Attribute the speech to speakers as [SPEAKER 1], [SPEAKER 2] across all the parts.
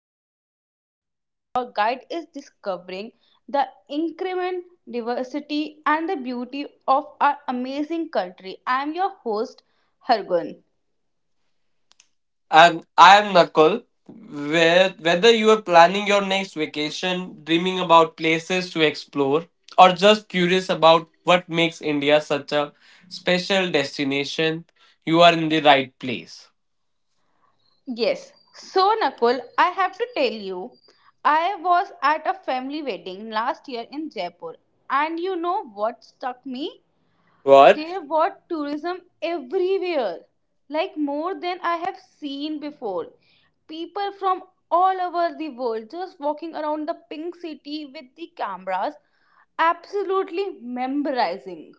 [SPEAKER 1] Wanderlust India. Your guide is discovering the increment, diversity and the beauty of our amazing country. I am your host Hargun.
[SPEAKER 2] And I am Nakul. Whether you are planning your next vacation, dreaming about places to explore, or just curious about what makes India such a special destination, you are in the right place.
[SPEAKER 1] Yes. So Nakul, I have to tell you I was at a family wedding last year in Jaipur and you know what struck me?
[SPEAKER 2] What?
[SPEAKER 1] There was tourism everywhere, like more than I have seen before. People from all over the world just walking around the pink city with the cameras, absolutely memorizing.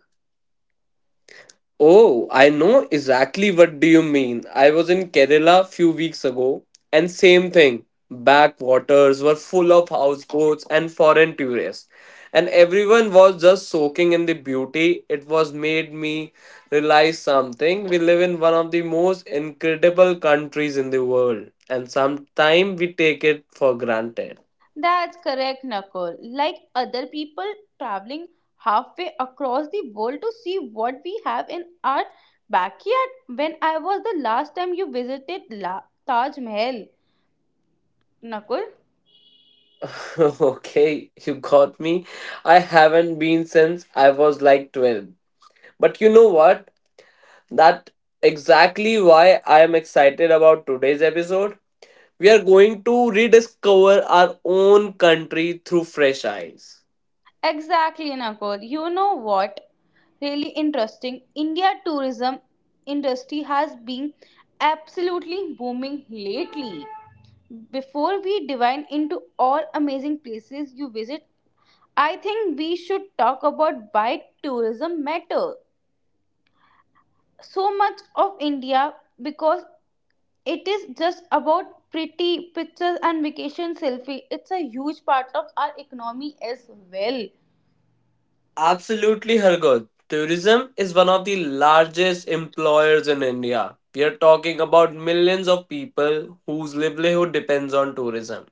[SPEAKER 2] Oh, I know exactly what do you mean. I was in Kerala few weeks ago and same thing. Backwaters were full of houseboats and foreign tourists. And everyone was just soaking in the beauty. It was made me realize something. We live in one of the most incredible countries in the world and sometimes we take it for granted.
[SPEAKER 1] That's correct, Nakul. Like other people traveling halfway across the world to see what we have in our backyard. When I was the last time you visited Taj Mahal, Nakul?
[SPEAKER 2] Okay, you got me. I haven't been since I was like 12. But you know what? That exactly why I am excited about today's episode. We are going to rediscover our own country through fresh eyes.
[SPEAKER 1] Exactly, Nakul. You know what? Really interesting. India tourism industry has been absolutely booming lately. Before we dive into all amazing places you visit, I think we should talk about why tourism matters. So much of India because it is just about pretty pictures and vacation selfie. It's a huge part of our economy as well.
[SPEAKER 2] Absolutely, Hargood. Tourism is one of the largest employers in India. We are talking about millions of people whose livelihood depends on tourism.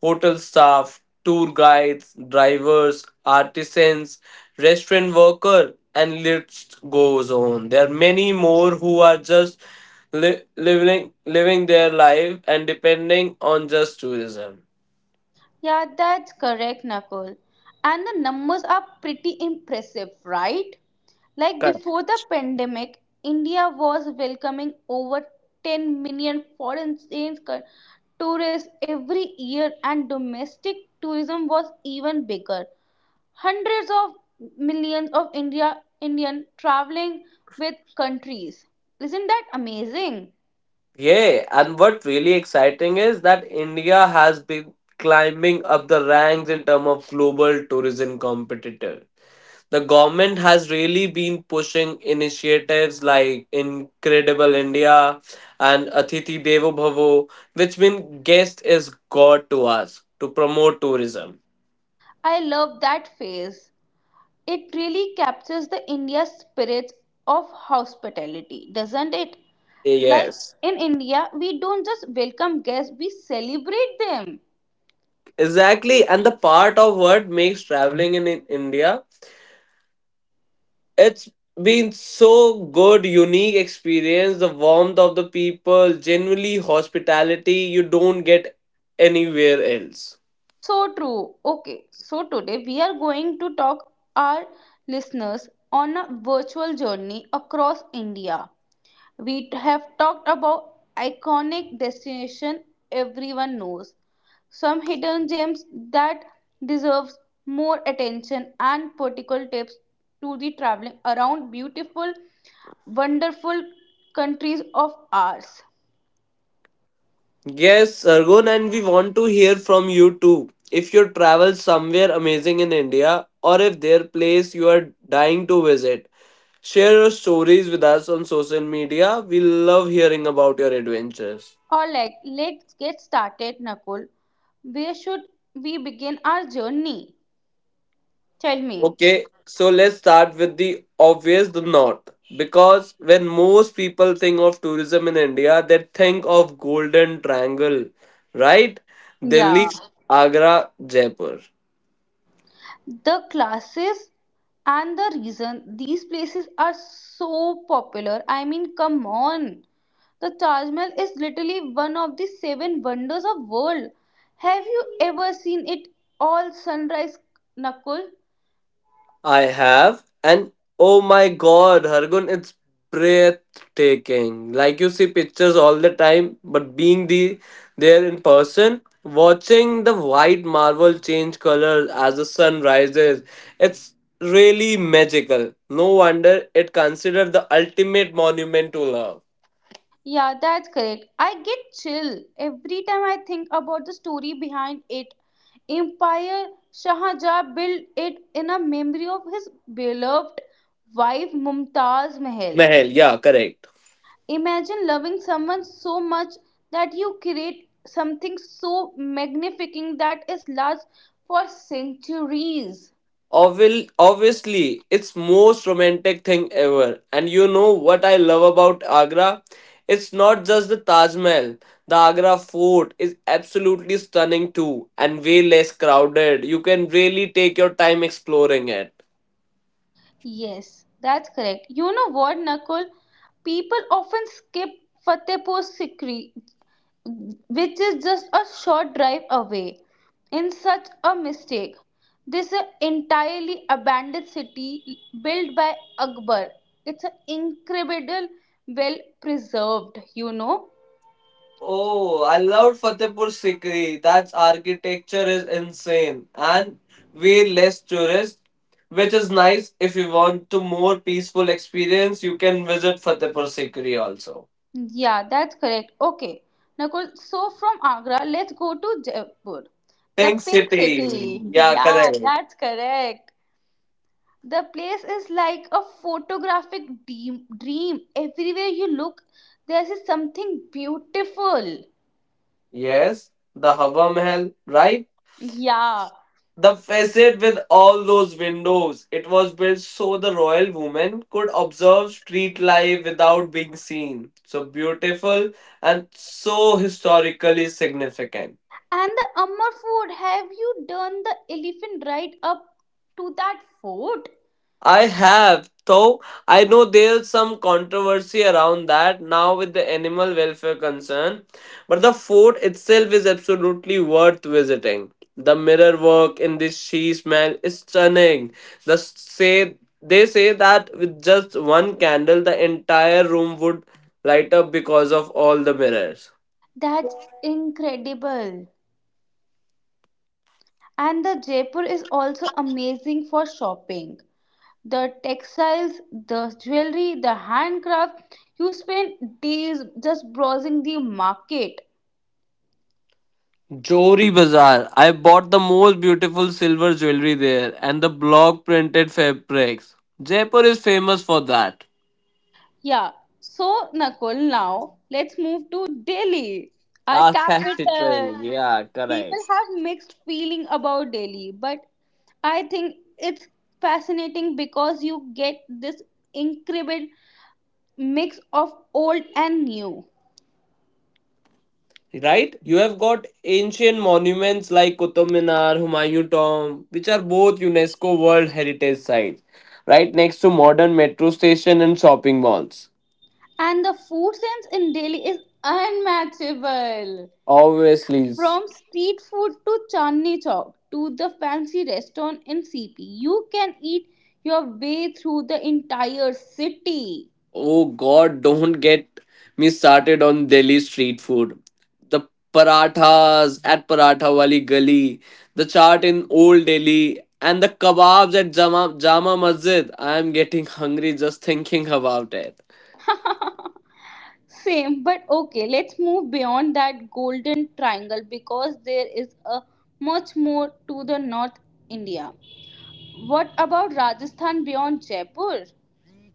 [SPEAKER 2] Hotel staff, tour guides, drivers, artisans, restaurant worker, and list goes on. There are many more who are just living their life and depending on just tourism.
[SPEAKER 1] Yeah, that's correct, Nakul. And the numbers are pretty impressive, right? Like
[SPEAKER 2] Correct.
[SPEAKER 1] before the pandemic, India was welcoming over 10 million foreign exchange tourists every year, and domestic tourism was even bigger. Hundreds of millions of Indian traveling with countries. Isn't that amazing?
[SPEAKER 2] Yeah, and what really exciting is that India has been climbing up the ranks in terms of global tourism competitor. The government has really been pushing initiatives like Incredible India and Atiti Devo Bhavo, which means guest is God to us to promote tourism.
[SPEAKER 1] I love that phase. It really captures the India spirit of hospitality, doesn't it? Like
[SPEAKER 2] Yes,
[SPEAKER 1] in India, we don't just welcome guests, we celebrate them.
[SPEAKER 2] exactly. And the part of what makes traveling in India, it's been so good, unique experience. The warmth of the people, genuinely hospitality you don't get anywhere else.
[SPEAKER 1] So true. Okay, so today we are going to talk our listeners on a virtual journey across India. We have talked about iconic destination everyone knows, some hidden gems that deserves more attention and practical tips to the traveling around beautiful, wonderful countries of ours.
[SPEAKER 2] Yes, Sargun, and we want to hear from you too. If you travel somewhere amazing in India or if there place you are dying to visit, share your stories with us on social media. We love hearing about your adventures.
[SPEAKER 1] Alright, let's get started, Nakul. Where should we begin our journey? Tell me.
[SPEAKER 2] Okay, so let's start with the obvious the north because when most people think of tourism in India, they think of Golden Triangle, right? Delhi,
[SPEAKER 1] Yeah,
[SPEAKER 2] Agra, Jaipur.
[SPEAKER 1] the classes and the reason these places are so popular. I mean, come on. The Taj Mahal is literally one of the seven wonders of world. Have you ever seen it all sunrise, Nakul?
[SPEAKER 2] I have, and oh my God, Hargun, it's breathtaking. Like you see pictures all the time, but being the there in person, watching the white marble change color as the sun rises, it's really magical. No wonder it considered the ultimate monument to love.
[SPEAKER 1] Yeah, that's correct. I get chill every time I think about the story behind it. Empire Shahjahan built it in a memory of his beloved wife Mumtaz Mahal.
[SPEAKER 2] Mahal, yeah, correct.
[SPEAKER 1] Imagine loving someone so much that you create something so magnificent that is lost for centuries.
[SPEAKER 2] Obviously it's most romantic thing ever and you know what I love about Agra, it's not just the Taj Mahal. The Agra Fort is absolutely stunning too and way less crowded. You can really take your time exploring it.
[SPEAKER 1] Yes, that's correct. You know what, Nakul? People often skip Fatehpur Sikri, which is just a short drive away, in such a mistake. This is an entirely abandoned city built by Akbar. It's an incredible, well preserved, you know.
[SPEAKER 2] Oh, I loved Fatehpur Sikri. That architecture is insane and way less tourist, which is nice if you want to more peaceful experience. You can visit Fatehpur Sikri also.
[SPEAKER 1] Yeah, that's correct. Okay. Nakul, so from Agra, let's go to Jaipur, the
[SPEAKER 2] Pink
[SPEAKER 1] pink
[SPEAKER 2] City.
[SPEAKER 1] city.
[SPEAKER 2] Yeah,
[SPEAKER 1] Yeah,
[SPEAKER 2] correct.
[SPEAKER 1] that's correct. The place is like a photographic dream. Everywhere you look, there's something beautiful.
[SPEAKER 2] Yes, the Hawa Mahal, right?
[SPEAKER 1] Yeah.
[SPEAKER 2] The facade with all those windows. It was built so the royal woman could observe street life without being seen. So beautiful and so historically significant.
[SPEAKER 1] And the Amar Fort, have you done the elephant ride up to that fort?
[SPEAKER 2] I have, though I know there's some controversy around that now with the animal welfare concern, but the fort itself is absolutely worth visiting. The mirror work in this she smell is stunning. The say they say that with just one candle, the entire room would light up because of all the mirrors.
[SPEAKER 1] That's incredible. And the Jaipur is also amazing for shopping, the textiles, the jewelry, the handcraft. You spend days just browsing the market.
[SPEAKER 2] Jory Bazaar. I bought the most beautiful silver jewelry there and the block printed fabrics. Jaipur is famous for that.
[SPEAKER 1] Yeah. So, Nakul, now let's move to Delhi, our
[SPEAKER 2] Architecture,
[SPEAKER 1] capital.
[SPEAKER 2] yeah,
[SPEAKER 1] People
[SPEAKER 2] correct.
[SPEAKER 1] have mixed feeling about Delhi, but I think it's fascinating because you get this incredible mix of old and new.
[SPEAKER 2] Right? You have got ancient monuments like Qutub Minar, Humayun Tomb, which are both UNESCO World Heritage Sites. Right next to modern metro station and shopping malls.
[SPEAKER 1] And the food sense in Delhi is unmatchable.
[SPEAKER 2] Obviously,
[SPEAKER 1] From street food to Chandni Chowk to the fancy restaurant in CP, you can eat your way through the entire city.
[SPEAKER 2] oh God, don't get me started on Delhi street food. The parathas at Paratha Wali Gali, the chaat in Old Delhi, and the kebabs at Jama Masjid. I am getting hungry just thinking about it.
[SPEAKER 1] Same, but okay, let's move beyond that golden triangle because there is a much more to the North India. What about Rajasthan beyond Jaipur?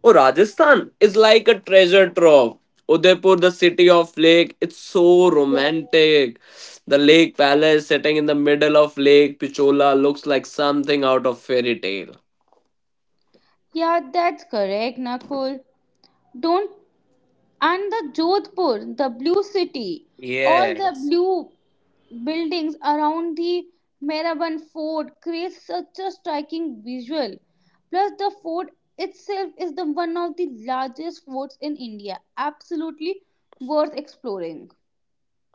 [SPEAKER 2] Oh, Rajasthan is like a treasure trove. Udaipur, the city of lake, it's so romantic. The lake palace sitting in the middle of Lake Pichola looks like something out of fairy tale.
[SPEAKER 1] Yeah, that's correct, Nakul. Don't And the Jodhpur, the blue city, all the
[SPEAKER 2] Yes.
[SPEAKER 1] blue buildings around the Meraban fort creates such a striking visual. Plus, the fort itself is the one of the largest forts in India. Absolutely worth exploring.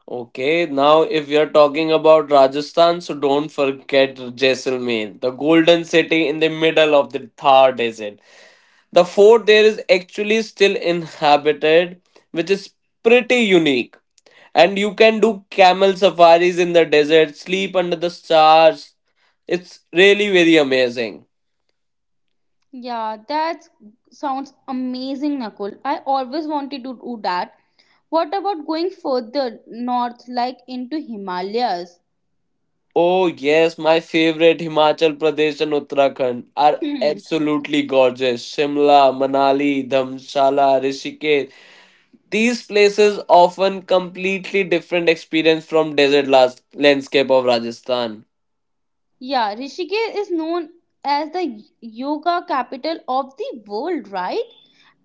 [SPEAKER 2] Okay, now if we are talking about Rajasthan, so don't forget Jaisalmer, the golden city in the middle of the Thar desert. The fort there is actually still inhabited, which is pretty unique. And you can do camel safaris in the desert, sleep under the stars. It's really very amazing.
[SPEAKER 1] Yeah, that sounds amazing, Nakul. I always wanted to do that. What about going further north, like into Himalayas?
[SPEAKER 2] Oh yes, my favorite Himachal Pradesh and Uttarakhand are absolutely gorgeous. Shimla, Manali, Dhamshala, Rishikesh. These places often completely different experience from desert landscape of Rajasthan.
[SPEAKER 1] Yeah, Rishikesh is known as the yoga capital of the world, right?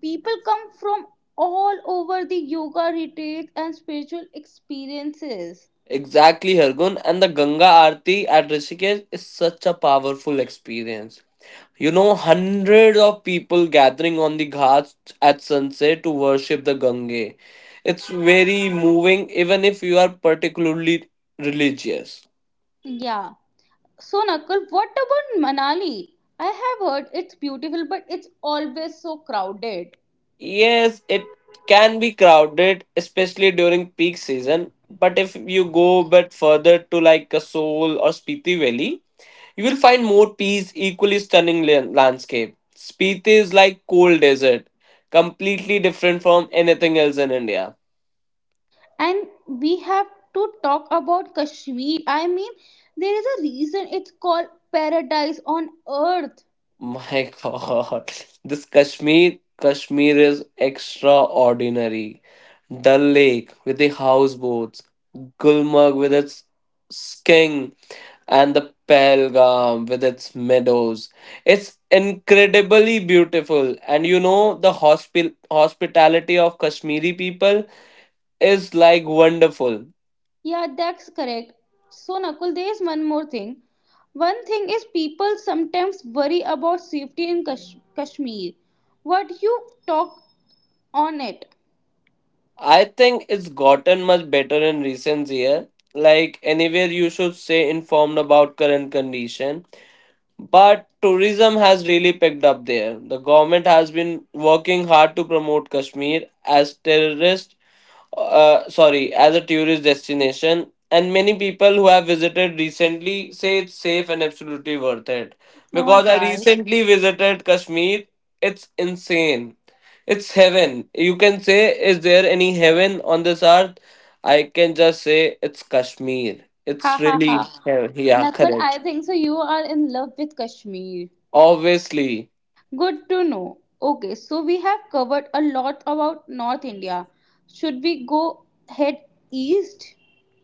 [SPEAKER 1] People come from all over the yoga retreats and spiritual experiences.
[SPEAKER 2] Exactly, Hargun, and the Ganga Aarti at Rishikesh is such a powerful experience. You know, hundreds of people gathering on the ghats at sunset to worship the Gange. It's very moving, even if you are particularly religious.
[SPEAKER 1] Yeah. So, Nakul, what about Manali? I have heard it's beautiful, but it's always so crowded.
[SPEAKER 2] Yes, it can be crowded, especially during peak season. But if you go a bit further to like Kasol or Spiti Valley, you will find more peace, equally stunning landscape. Spiti is like cold desert, completely different from anything else in India.
[SPEAKER 1] And we have to talk about Kashmir. I mean, there is a reason it's called paradise on earth.
[SPEAKER 2] My God, this Kashmir is extraordinary. Dal Lake with the houseboats, Gulmarg with its skiing, and the Pahalgam with its meadows. It's incredibly beautiful, and you know the hospitality of Kashmiri people is like wonderful.
[SPEAKER 1] Yeah, that's correct. So, Nakul, there is one more thing. One thing is people sometimes worry about safety in Kashmir. What you talk on it?
[SPEAKER 2] I think it's gotten much better in recent year. Like anywhere you should stay informed about current condition. But tourism has really picked up there. The government has been working hard to promote Kashmir as terrorist sorry, as a tourist destination, and many people who have visited recently say it's safe and absolutely worth it.
[SPEAKER 1] All
[SPEAKER 2] Because I
[SPEAKER 1] right.
[SPEAKER 2] recently visited Kashmir, it's insane. It's heaven. You can say, is there any heaven on this earth? I can just say it's Kashmir.
[SPEAKER 1] Ha
[SPEAKER 2] It's
[SPEAKER 1] ha
[SPEAKER 2] really
[SPEAKER 1] ha.
[SPEAKER 2] heaven. Yeah,
[SPEAKER 1] Nakul, I
[SPEAKER 2] correct.
[SPEAKER 1] think so. You are in love with Kashmir.
[SPEAKER 2] Obviously,
[SPEAKER 1] Good to know. Okay, so we have covered a lot about North India. Should we go head east?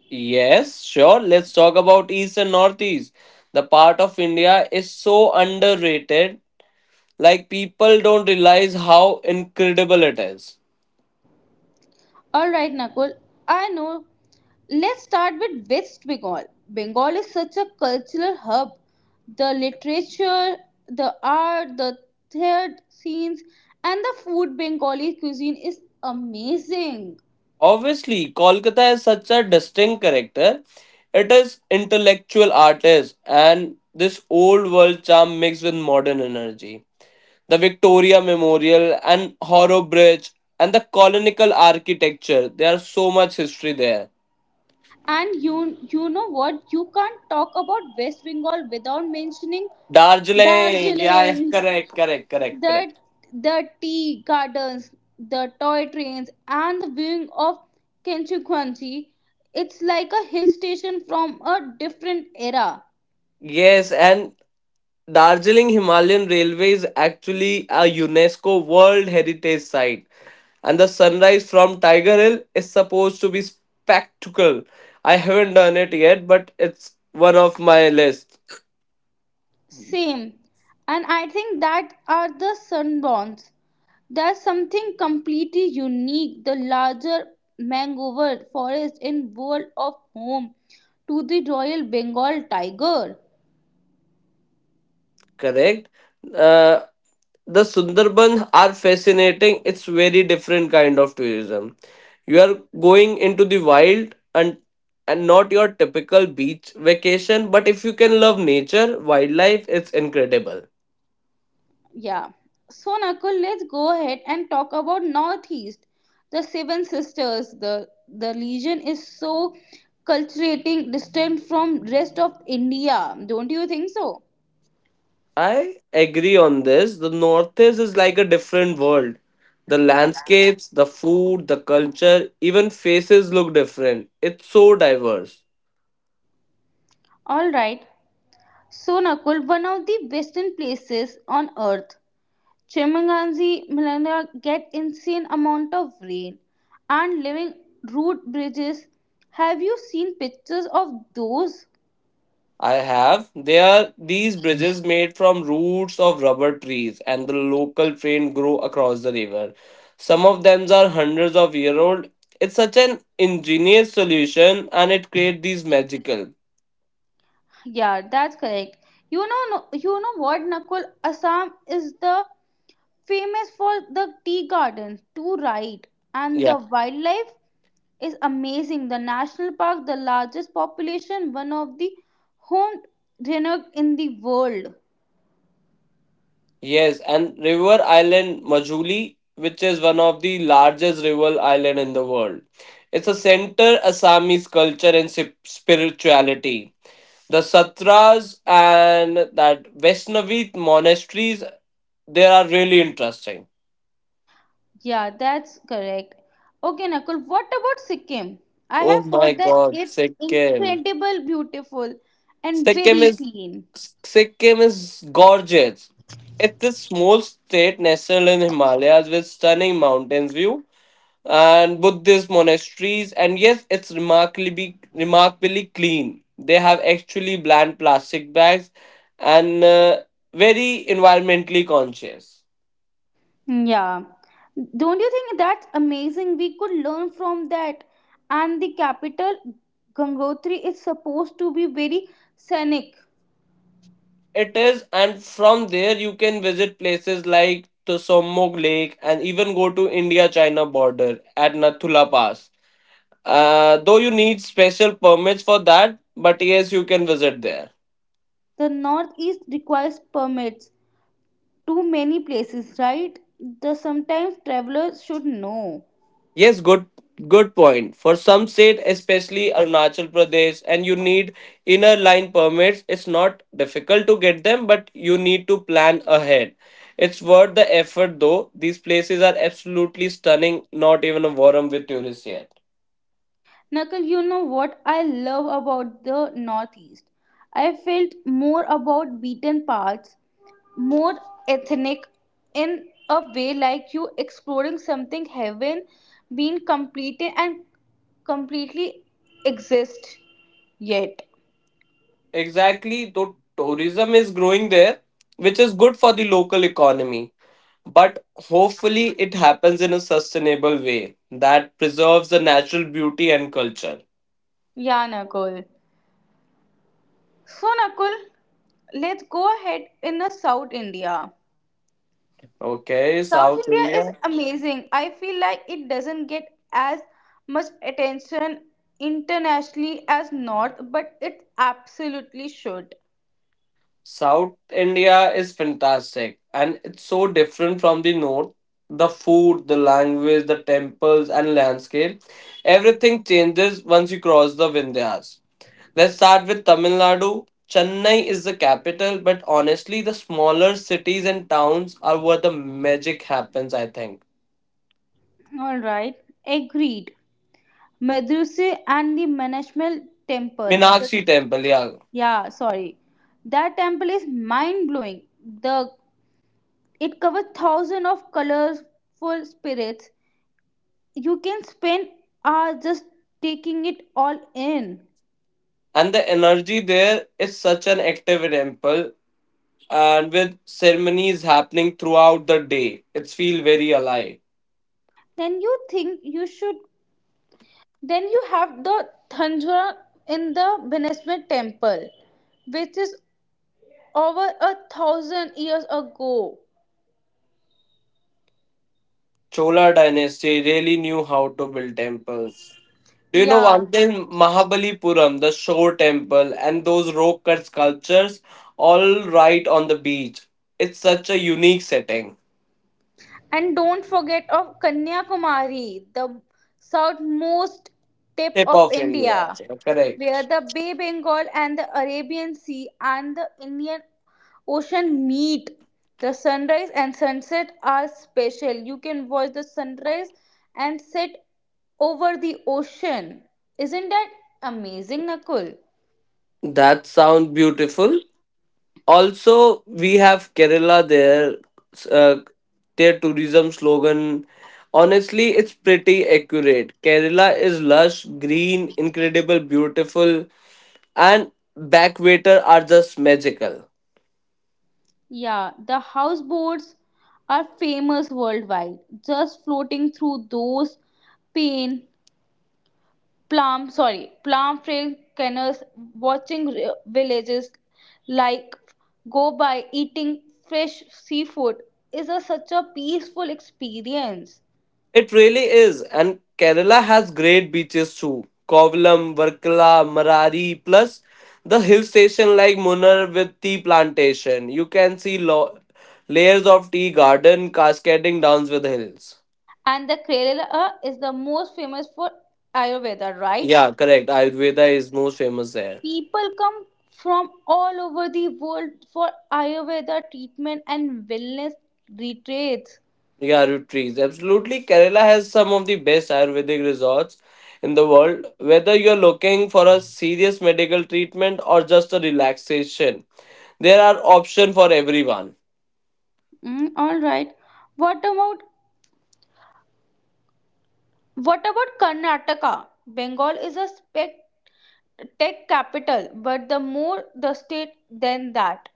[SPEAKER 2] yes, sure. Let's talk about East and Northeast. The part of India is so underrated. Like people don't realize how incredible it is.
[SPEAKER 1] All right, Nakul. I know. Let's start with West Bengal. Bengal is such a cultural hub. The literature, the art, the theatre scenes, and the food Bengali cuisine is amazing.
[SPEAKER 2] Obviously, Kolkata is such a distinct character. It is intellectual artist and this old world charm mixed with modern energy. The Victoria Memorial and Horror Bridge and the colonial architecture. There are so much history there.
[SPEAKER 1] And you know what? You can't talk about West Bengal without mentioning
[SPEAKER 2] Darjeeling, yeah, yeah,
[SPEAKER 1] Darjeeling,
[SPEAKER 2] correct, correct, correct, correct.
[SPEAKER 1] that the tea gardens, the toy trains, and the viewing of Kenchukwanji. It's like a hill station from a different era.
[SPEAKER 2] Yes, and Darjeeling Himalayan Railway is actually a UNESCO World Heritage Site. And the sunrise from Tiger Hill is supposed to be spectacle. I haven't done it yet, but it's one of my list.
[SPEAKER 1] Same. And I think that are the sunborns. There's something completely unique, the larger mangrove forest in world of home to the Royal Bengal tiger.
[SPEAKER 2] Correct. Uh, the Sundarban are fascinating. It's very different kind of tourism. You are going into the wild and not your typical beach vacation. But if you can love nature, wildlife, it's incredible.
[SPEAKER 1] Yeah. So Nakul, let's go ahead and talk about Northeast. The Seven Sisters, the legion is so culturating distant from rest of India. Don't you think so?
[SPEAKER 2] I agree on this. The Northeast is like a different world. The landscapes, the food, the culture, even faces look different. It's so diverse.
[SPEAKER 1] All right. So Nakul, one of the western places on earth. Chimanganzi Malanga get insane amount of rain and living root bridges. Have you seen pictures of those?
[SPEAKER 2] I have. There are these bridges made from roots of rubber trees, and the local train grow across the river. Some of them are hundreds of year old. It's such an ingenious solution, and it creates these magical.
[SPEAKER 1] Yeah, that's correct. You know, no, You know what, Nakul? Assam is the famous for the tea gardens, too, right? And
[SPEAKER 2] Yeah.
[SPEAKER 1] the wildlife is amazing. The national park, the largest population, one of the home renowned in the world.
[SPEAKER 2] Yes, and river island Majuli, which is one of the largest river island in the world. It's a center Assamese culture and spirituality. The satras and that Vaishnavi monasteries, they are really interesting.
[SPEAKER 1] Yeah, that's correct. Okay, Nakul. What about Sikkim? I have
[SPEAKER 2] Oh my
[SPEAKER 1] heard that
[SPEAKER 2] God,
[SPEAKER 1] it's
[SPEAKER 2] Sikkim!
[SPEAKER 1] incredible, beautiful, and
[SPEAKER 2] Sikkim
[SPEAKER 1] very
[SPEAKER 2] is
[SPEAKER 1] clean.
[SPEAKER 2] Sikkim is gorgeous. It's a small state nestled in Himalayas with stunning mountains view and Buddhist monasteries. And yes, it's remarkably clean. They have actually bland plastic bags and very environmentally conscious.
[SPEAKER 1] Mm, yeah. Don't you think that's amazing? We could learn from that. And the capital, Gangotri, is supposed to be very scenic.
[SPEAKER 2] It is, and from there you can visit places like the Somog Lake and even go to India-China border at Nathula Pass. Though you need special permits for that, but yes, you can visit there.
[SPEAKER 1] The northeast requires permits. Too many places, right? The sometimes travelers should know.
[SPEAKER 2] Yes, good point. For some state, especially Arunachal Pradesh, and you need inner line permits, it's not difficult to get them, but you need to plan ahead. It's worth the effort though. These places are absolutely stunning, not even a warm with tourists yet.
[SPEAKER 1] Nakul, you know what I love about the northeast? I felt more about beaten paths more ethnic in a way like you exploring something haven't been completed and completely exist yet.
[SPEAKER 2] Exactly, though tourism is growing there, which is good for the local economy. But hopefully it happens in a sustainable way that preserves the natural beauty and culture.
[SPEAKER 1] Yeah, Nakul. So, Nakul, let's go ahead in the South India.
[SPEAKER 2] Okay,
[SPEAKER 1] South
[SPEAKER 2] South
[SPEAKER 1] India is
[SPEAKER 2] India.
[SPEAKER 1] amazing. I feel like it doesn't get as much attention internationally as North, but it absolutely should.
[SPEAKER 2] South India is fantastic and it's so different from the north. The food, the language, the temples, and landscape. Everything changes once you cross the Vindhyas. Let's start with Tamil Nadu. Chennai is the capital, but honestly, the smaller cities and towns are where the magic happens, I think.
[SPEAKER 1] All right, agreed. Medruse and the Manashmal temple.
[SPEAKER 2] Minakshi Temple, yeah.
[SPEAKER 1] Yeah, sorry. That temple is mind blowing. The it covers thousands of colorful spirits. You can spend hours just taking it all in.
[SPEAKER 2] And the energy there is such an active temple, and with ceremonies happening throughout the day, it's feel very alive.
[SPEAKER 1] Then you think you should then you have the Thanjavur in the Manashmal temple, which is over a thousand years ago.
[SPEAKER 2] Chola dynasty really knew how to build temples. Do you know one
[SPEAKER 1] Yeah.
[SPEAKER 2] thing? Mahabalipuram, the shore temple, and those rock cut sculptures, all right on the beach. It's such a unique setting.
[SPEAKER 1] And don't forget of Kanyakumari, the southmost tip
[SPEAKER 2] Tip
[SPEAKER 1] of
[SPEAKER 2] of India.
[SPEAKER 1] India, where
[SPEAKER 2] Correct.
[SPEAKER 1] the Bay Bengal and the Arabian Sea and the Indian Ocean meet. The sunrise and sunset are special. You can watch the sunrise and set over the ocean. Isn't that amazing, Nakul?
[SPEAKER 2] That sounds beautiful. Also, we have Kerala there. Uh, their tourism slogan. Honestly, it's pretty accurate. Kerala is lush, green, incredible, beautiful and backwater are just magical.
[SPEAKER 1] Yeah, the houseboats are famous worldwide. Just floating through those pain plum sorry plum fragrance, watching villages like go by eating fresh seafood is such a peaceful experience.
[SPEAKER 2] It really is, and Kerala has great beaches too. Kovalam, Varkala, Marari, plus the hill station like Munnar with tea plantation. You can see layers of tea garden cascading down with the hills.
[SPEAKER 1] And the kerala is the most famous for ayurveda, right?
[SPEAKER 2] Yeah, correct. Ayurveda is most famous there.
[SPEAKER 1] People come from all over the world for ayurveda treatment and wellness retreats.
[SPEAKER 2] Yeah, root trees. Absolutely. Kerala has some of the best Ayurvedic resorts in the world. Whether you're looking for a serious medical treatment or just a relaxation, there are options for everyone.
[SPEAKER 1] Mm, all right. What about what about Karnataka? Bengal is a spec tech capital, but the more the state than that.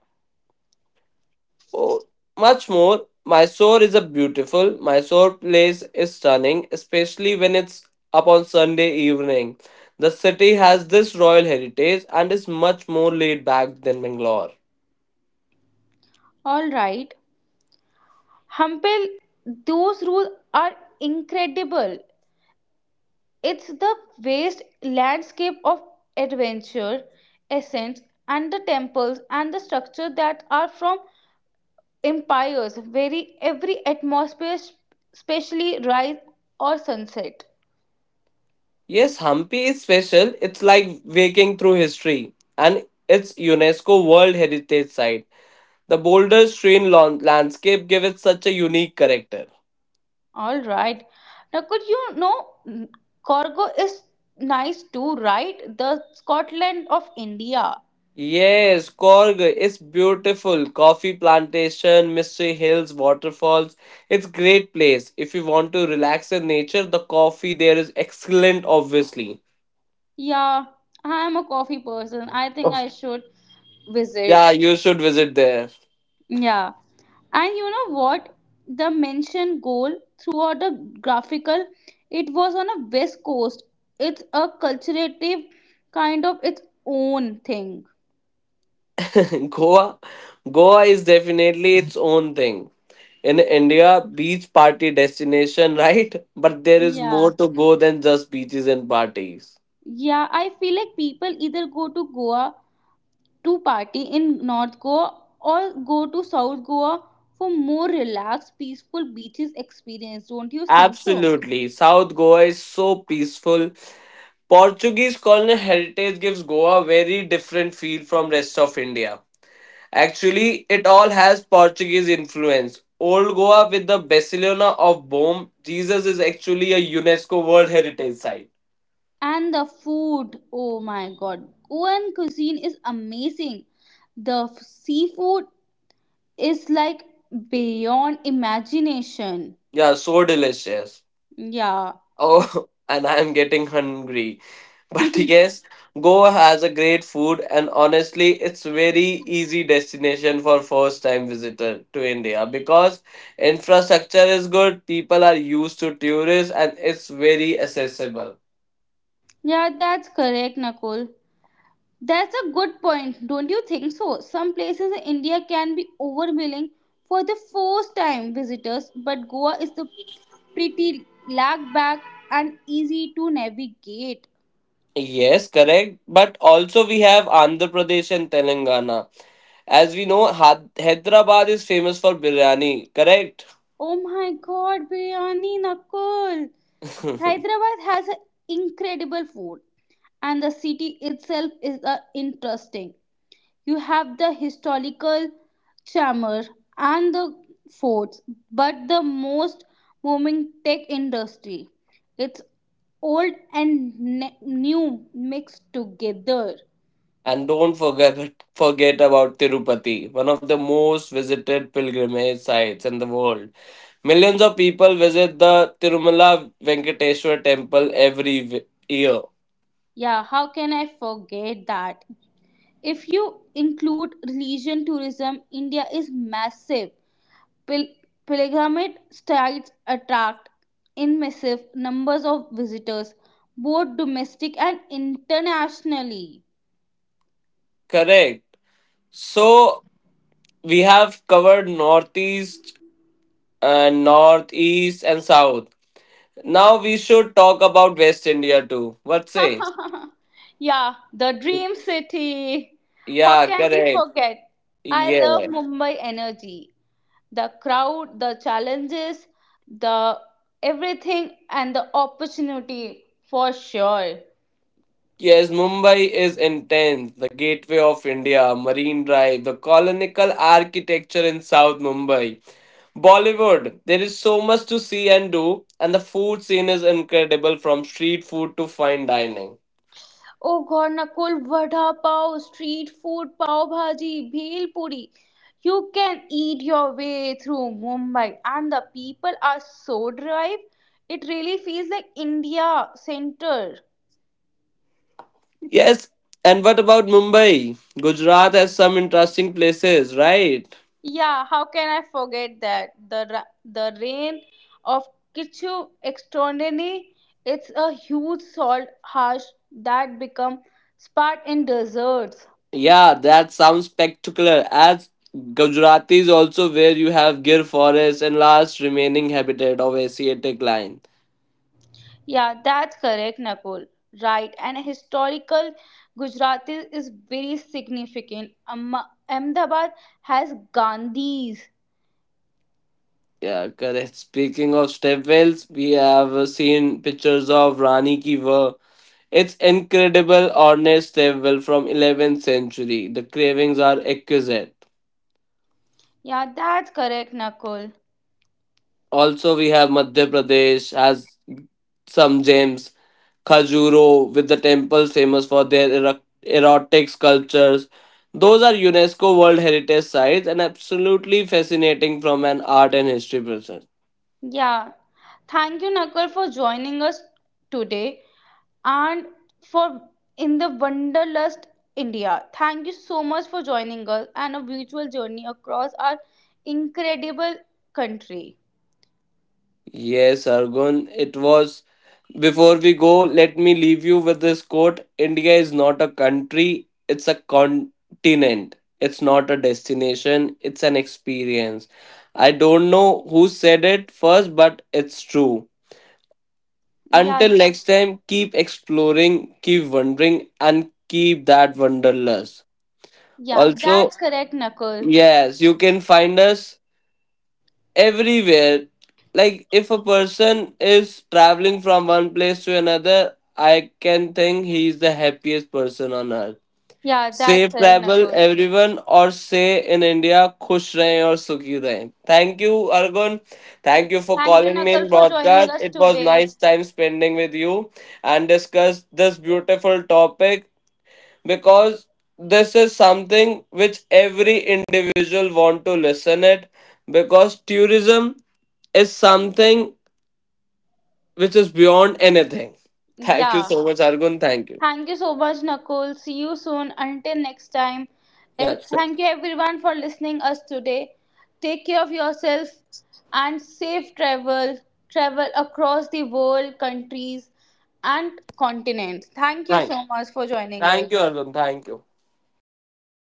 [SPEAKER 2] Oh, much more. Mysore is a beautiful. Mysore place is stunning, especially when it's up on Sunday evening. The city has this royal heritage and is much more laid back than Bangalore.
[SPEAKER 1] All right. Hampel, those rules are incredible. It's the vast landscape of adventure, essence, and the temples and the structure that are from empires, very every atmosphere, especially rise or sunset.
[SPEAKER 2] Yes, Hampi is special. It's like waking through history, and it's UNESCO World Heritage Site. The boulder strewn landscape gives it such a unique character.
[SPEAKER 1] All right. Now, could you know mm, Corgo is nice too, right? The Scotland of India.
[SPEAKER 2] Yes, Korg is beautiful. Coffee plantation, mystery hills, waterfalls. It's great place. If you want to relax in nature, the coffee there is excellent obviously.
[SPEAKER 1] Yeah, I am a coffee person. I think
[SPEAKER 2] Oh.
[SPEAKER 1] I should visit.
[SPEAKER 2] Yeah, you should visit there.
[SPEAKER 1] Yeah. And you know what? The mentioned goal throughout the graphical, it was on a west coast. It's a culturative kind of its own thing.
[SPEAKER 2] Goa Goa is definitely its own thing. In India, beach party destination, right? But there is
[SPEAKER 1] Yeah.
[SPEAKER 2] more to go than just beaches and parties.
[SPEAKER 1] Yeah, I feel like people either go to Goa to party in North Goa or go to South Goa for more relaxed, peaceful beaches experience. Don't you think so?
[SPEAKER 2] Absolutely. South Goa is so peaceful. Portuguese colonial heritage gives Goa a very different feel from rest of India. Actually, it all has Portuguese influence. Old Goa with the Barcelona of Boom, Jesus is actually a UNESCO World Heritage Site.
[SPEAKER 1] And the food, oh my god, Goan cuisine is amazing. The seafood is like beyond imagination.
[SPEAKER 2] Yeah, so delicious.
[SPEAKER 1] Yeah.
[SPEAKER 2] Oh, and I am getting hungry. But yes, Goa has a great food, and honestly it's very easy destination for first time visitor to India because infrastructure is good, people are used to tourists and it's very accessible.
[SPEAKER 1] Yeah, that's correct, Nakul. That's a good point, don't you think so? Some places in India can be overwhelming for the first time visitors, but Goa is the pretty laid back and easy to navigate.
[SPEAKER 2] Yes, correct. But also we have Andhra Pradesh and Telangana. As we know, Hyderabad is famous for biryani, correct?
[SPEAKER 1] Oh my god, biryani Nakul! Hyderabad has a incredible food and the city itself is interesting. You have the historical charmer and the forts, but the most booming tech industry. It's old and new mixed together.
[SPEAKER 2] And don't forget about Tirupati, one of the most visited pilgrimage sites in the world. Millions of people visit the Tirumala Venkateswar temple every year.
[SPEAKER 1] Yeah, how can I forget that? If you include religion tourism, India is massive. Pil- pilgrimage sites attract in massive numbers of visitors, both domestic and internationally.
[SPEAKER 2] Correct. So we have covered northeast and northeast and south. Now we should talk about West India too. What say?
[SPEAKER 1] Yeah, the dream city. How
[SPEAKER 2] Yeah,
[SPEAKER 1] can we
[SPEAKER 2] correct.
[SPEAKER 1] forget? I love
[SPEAKER 2] Yeah.
[SPEAKER 1] Mumbai energy. The crowd, the challenges, the everything, and the opportunity for sure.
[SPEAKER 2] Yes, Mumbai is intense. The Gateway of India, Marine Drive, the colonial architecture in South Mumbai. Bollywood, there is so much to see and do, and the food scene is incredible from street food to fine dining.
[SPEAKER 1] Oh God, Nakul, vada pav, street food, pav bhaji, bhel puri. You can eat your way through Mumbai, and the people are so drive. It really feels like India center.
[SPEAKER 2] Yes, and what about Mumbai? Gujarat has some interesting places, right?
[SPEAKER 1] Yeah, how can I forget that? The reign of Kichu extraordinary, it's a huge salt harsh that become spot in deserts.
[SPEAKER 2] Yeah, that sounds spectacular. As Gujarati is also where you have Gir Forest and last remaining habitat of Asiatic lion.
[SPEAKER 1] Yeah, that's correct, Nakul. Right, and historical Gujarati is very significant. Ahmedabad has Gandhis.
[SPEAKER 2] Yeah, correct. Speaking of stepwells, we have seen pictures of Rani Ki Vav. It's incredible ornate stepwell from 11th century. The carvings are exquisite.
[SPEAKER 1] Yeah, that's correct, Nakul.
[SPEAKER 2] Also, we have Madhya Pradesh has some gems. Khajuraho, with the temples famous for their erotic sculptures. Those are UNESCO World Heritage Sites and absolutely fascinating from an art and history perspective.
[SPEAKER 1] Yeah, thank you, Nakul, for joining us today, and for in the wanderlust India. Thank you so much for joining us and a virtual journey across our incredible country.
[SPEAKER 2] Yes, Argun, it was. Before we go, let me leave you with this quote: India is not a country, it's a continent. It's not a destination, it's an experience. I don't know who said it first, but it's true.
[SPEAKER 1] Yeah,
[SPEAKER 2] Until next time, keep exploring, keep wondering, and keep that wanderlust.
[SPEAKER 1] yeah,
[SPEAKER 2] Also,
[SPEAKER 1] that's correct, Nakul.
[SPEAKER 2] yes, you can find us everywhere, like if a person is traveling from one place to another, I can think he is the happiest person on earth.
[SPEAKER 1] Yeah, that's
[SPEAKER 2] Safe
[SPEAKER 1] correct,
[SPEAKER 2] travel
[SPEAKER 1] Nakul.
[SPEAKER 2] everyone, or say in india, khush rahe or sukhi rahe. Thank you, Argun. Thank you for
[SPEAKER 1] Thank you,
[SPEAKER 2] calling me in
[SPEAKER 1] Nakul, for joining
[SPEAKER 2] broadcast.
[SPEAKER 1] us
[SPEAKER 2] It was
[SPEAKER 1] today.
[SPEAKER 2] nice time spending with you and discuss this beautiful topic, because this is something which every individual want to listen it, because tourism is something which is beyond anything. Thank you
[SPEAKER 1] Yeah.
[SPEAKER 2] so much, Argun. Thank you.
[SPEAKER 1] Thank you so much, Nakul. See you soon. Until next time.
[SPEAKER 2] Yeah, sure.
[SPEAKER 1] Thank you everyone for listening us today. Take care of yourself and safe travel. Travel across the world, countries, and continents. Thank you
[SPEAKER 2] Thank,
[SPEAKER 1] so much for joining us.
[SPEAKER 2] thank you, Argun. Thank you.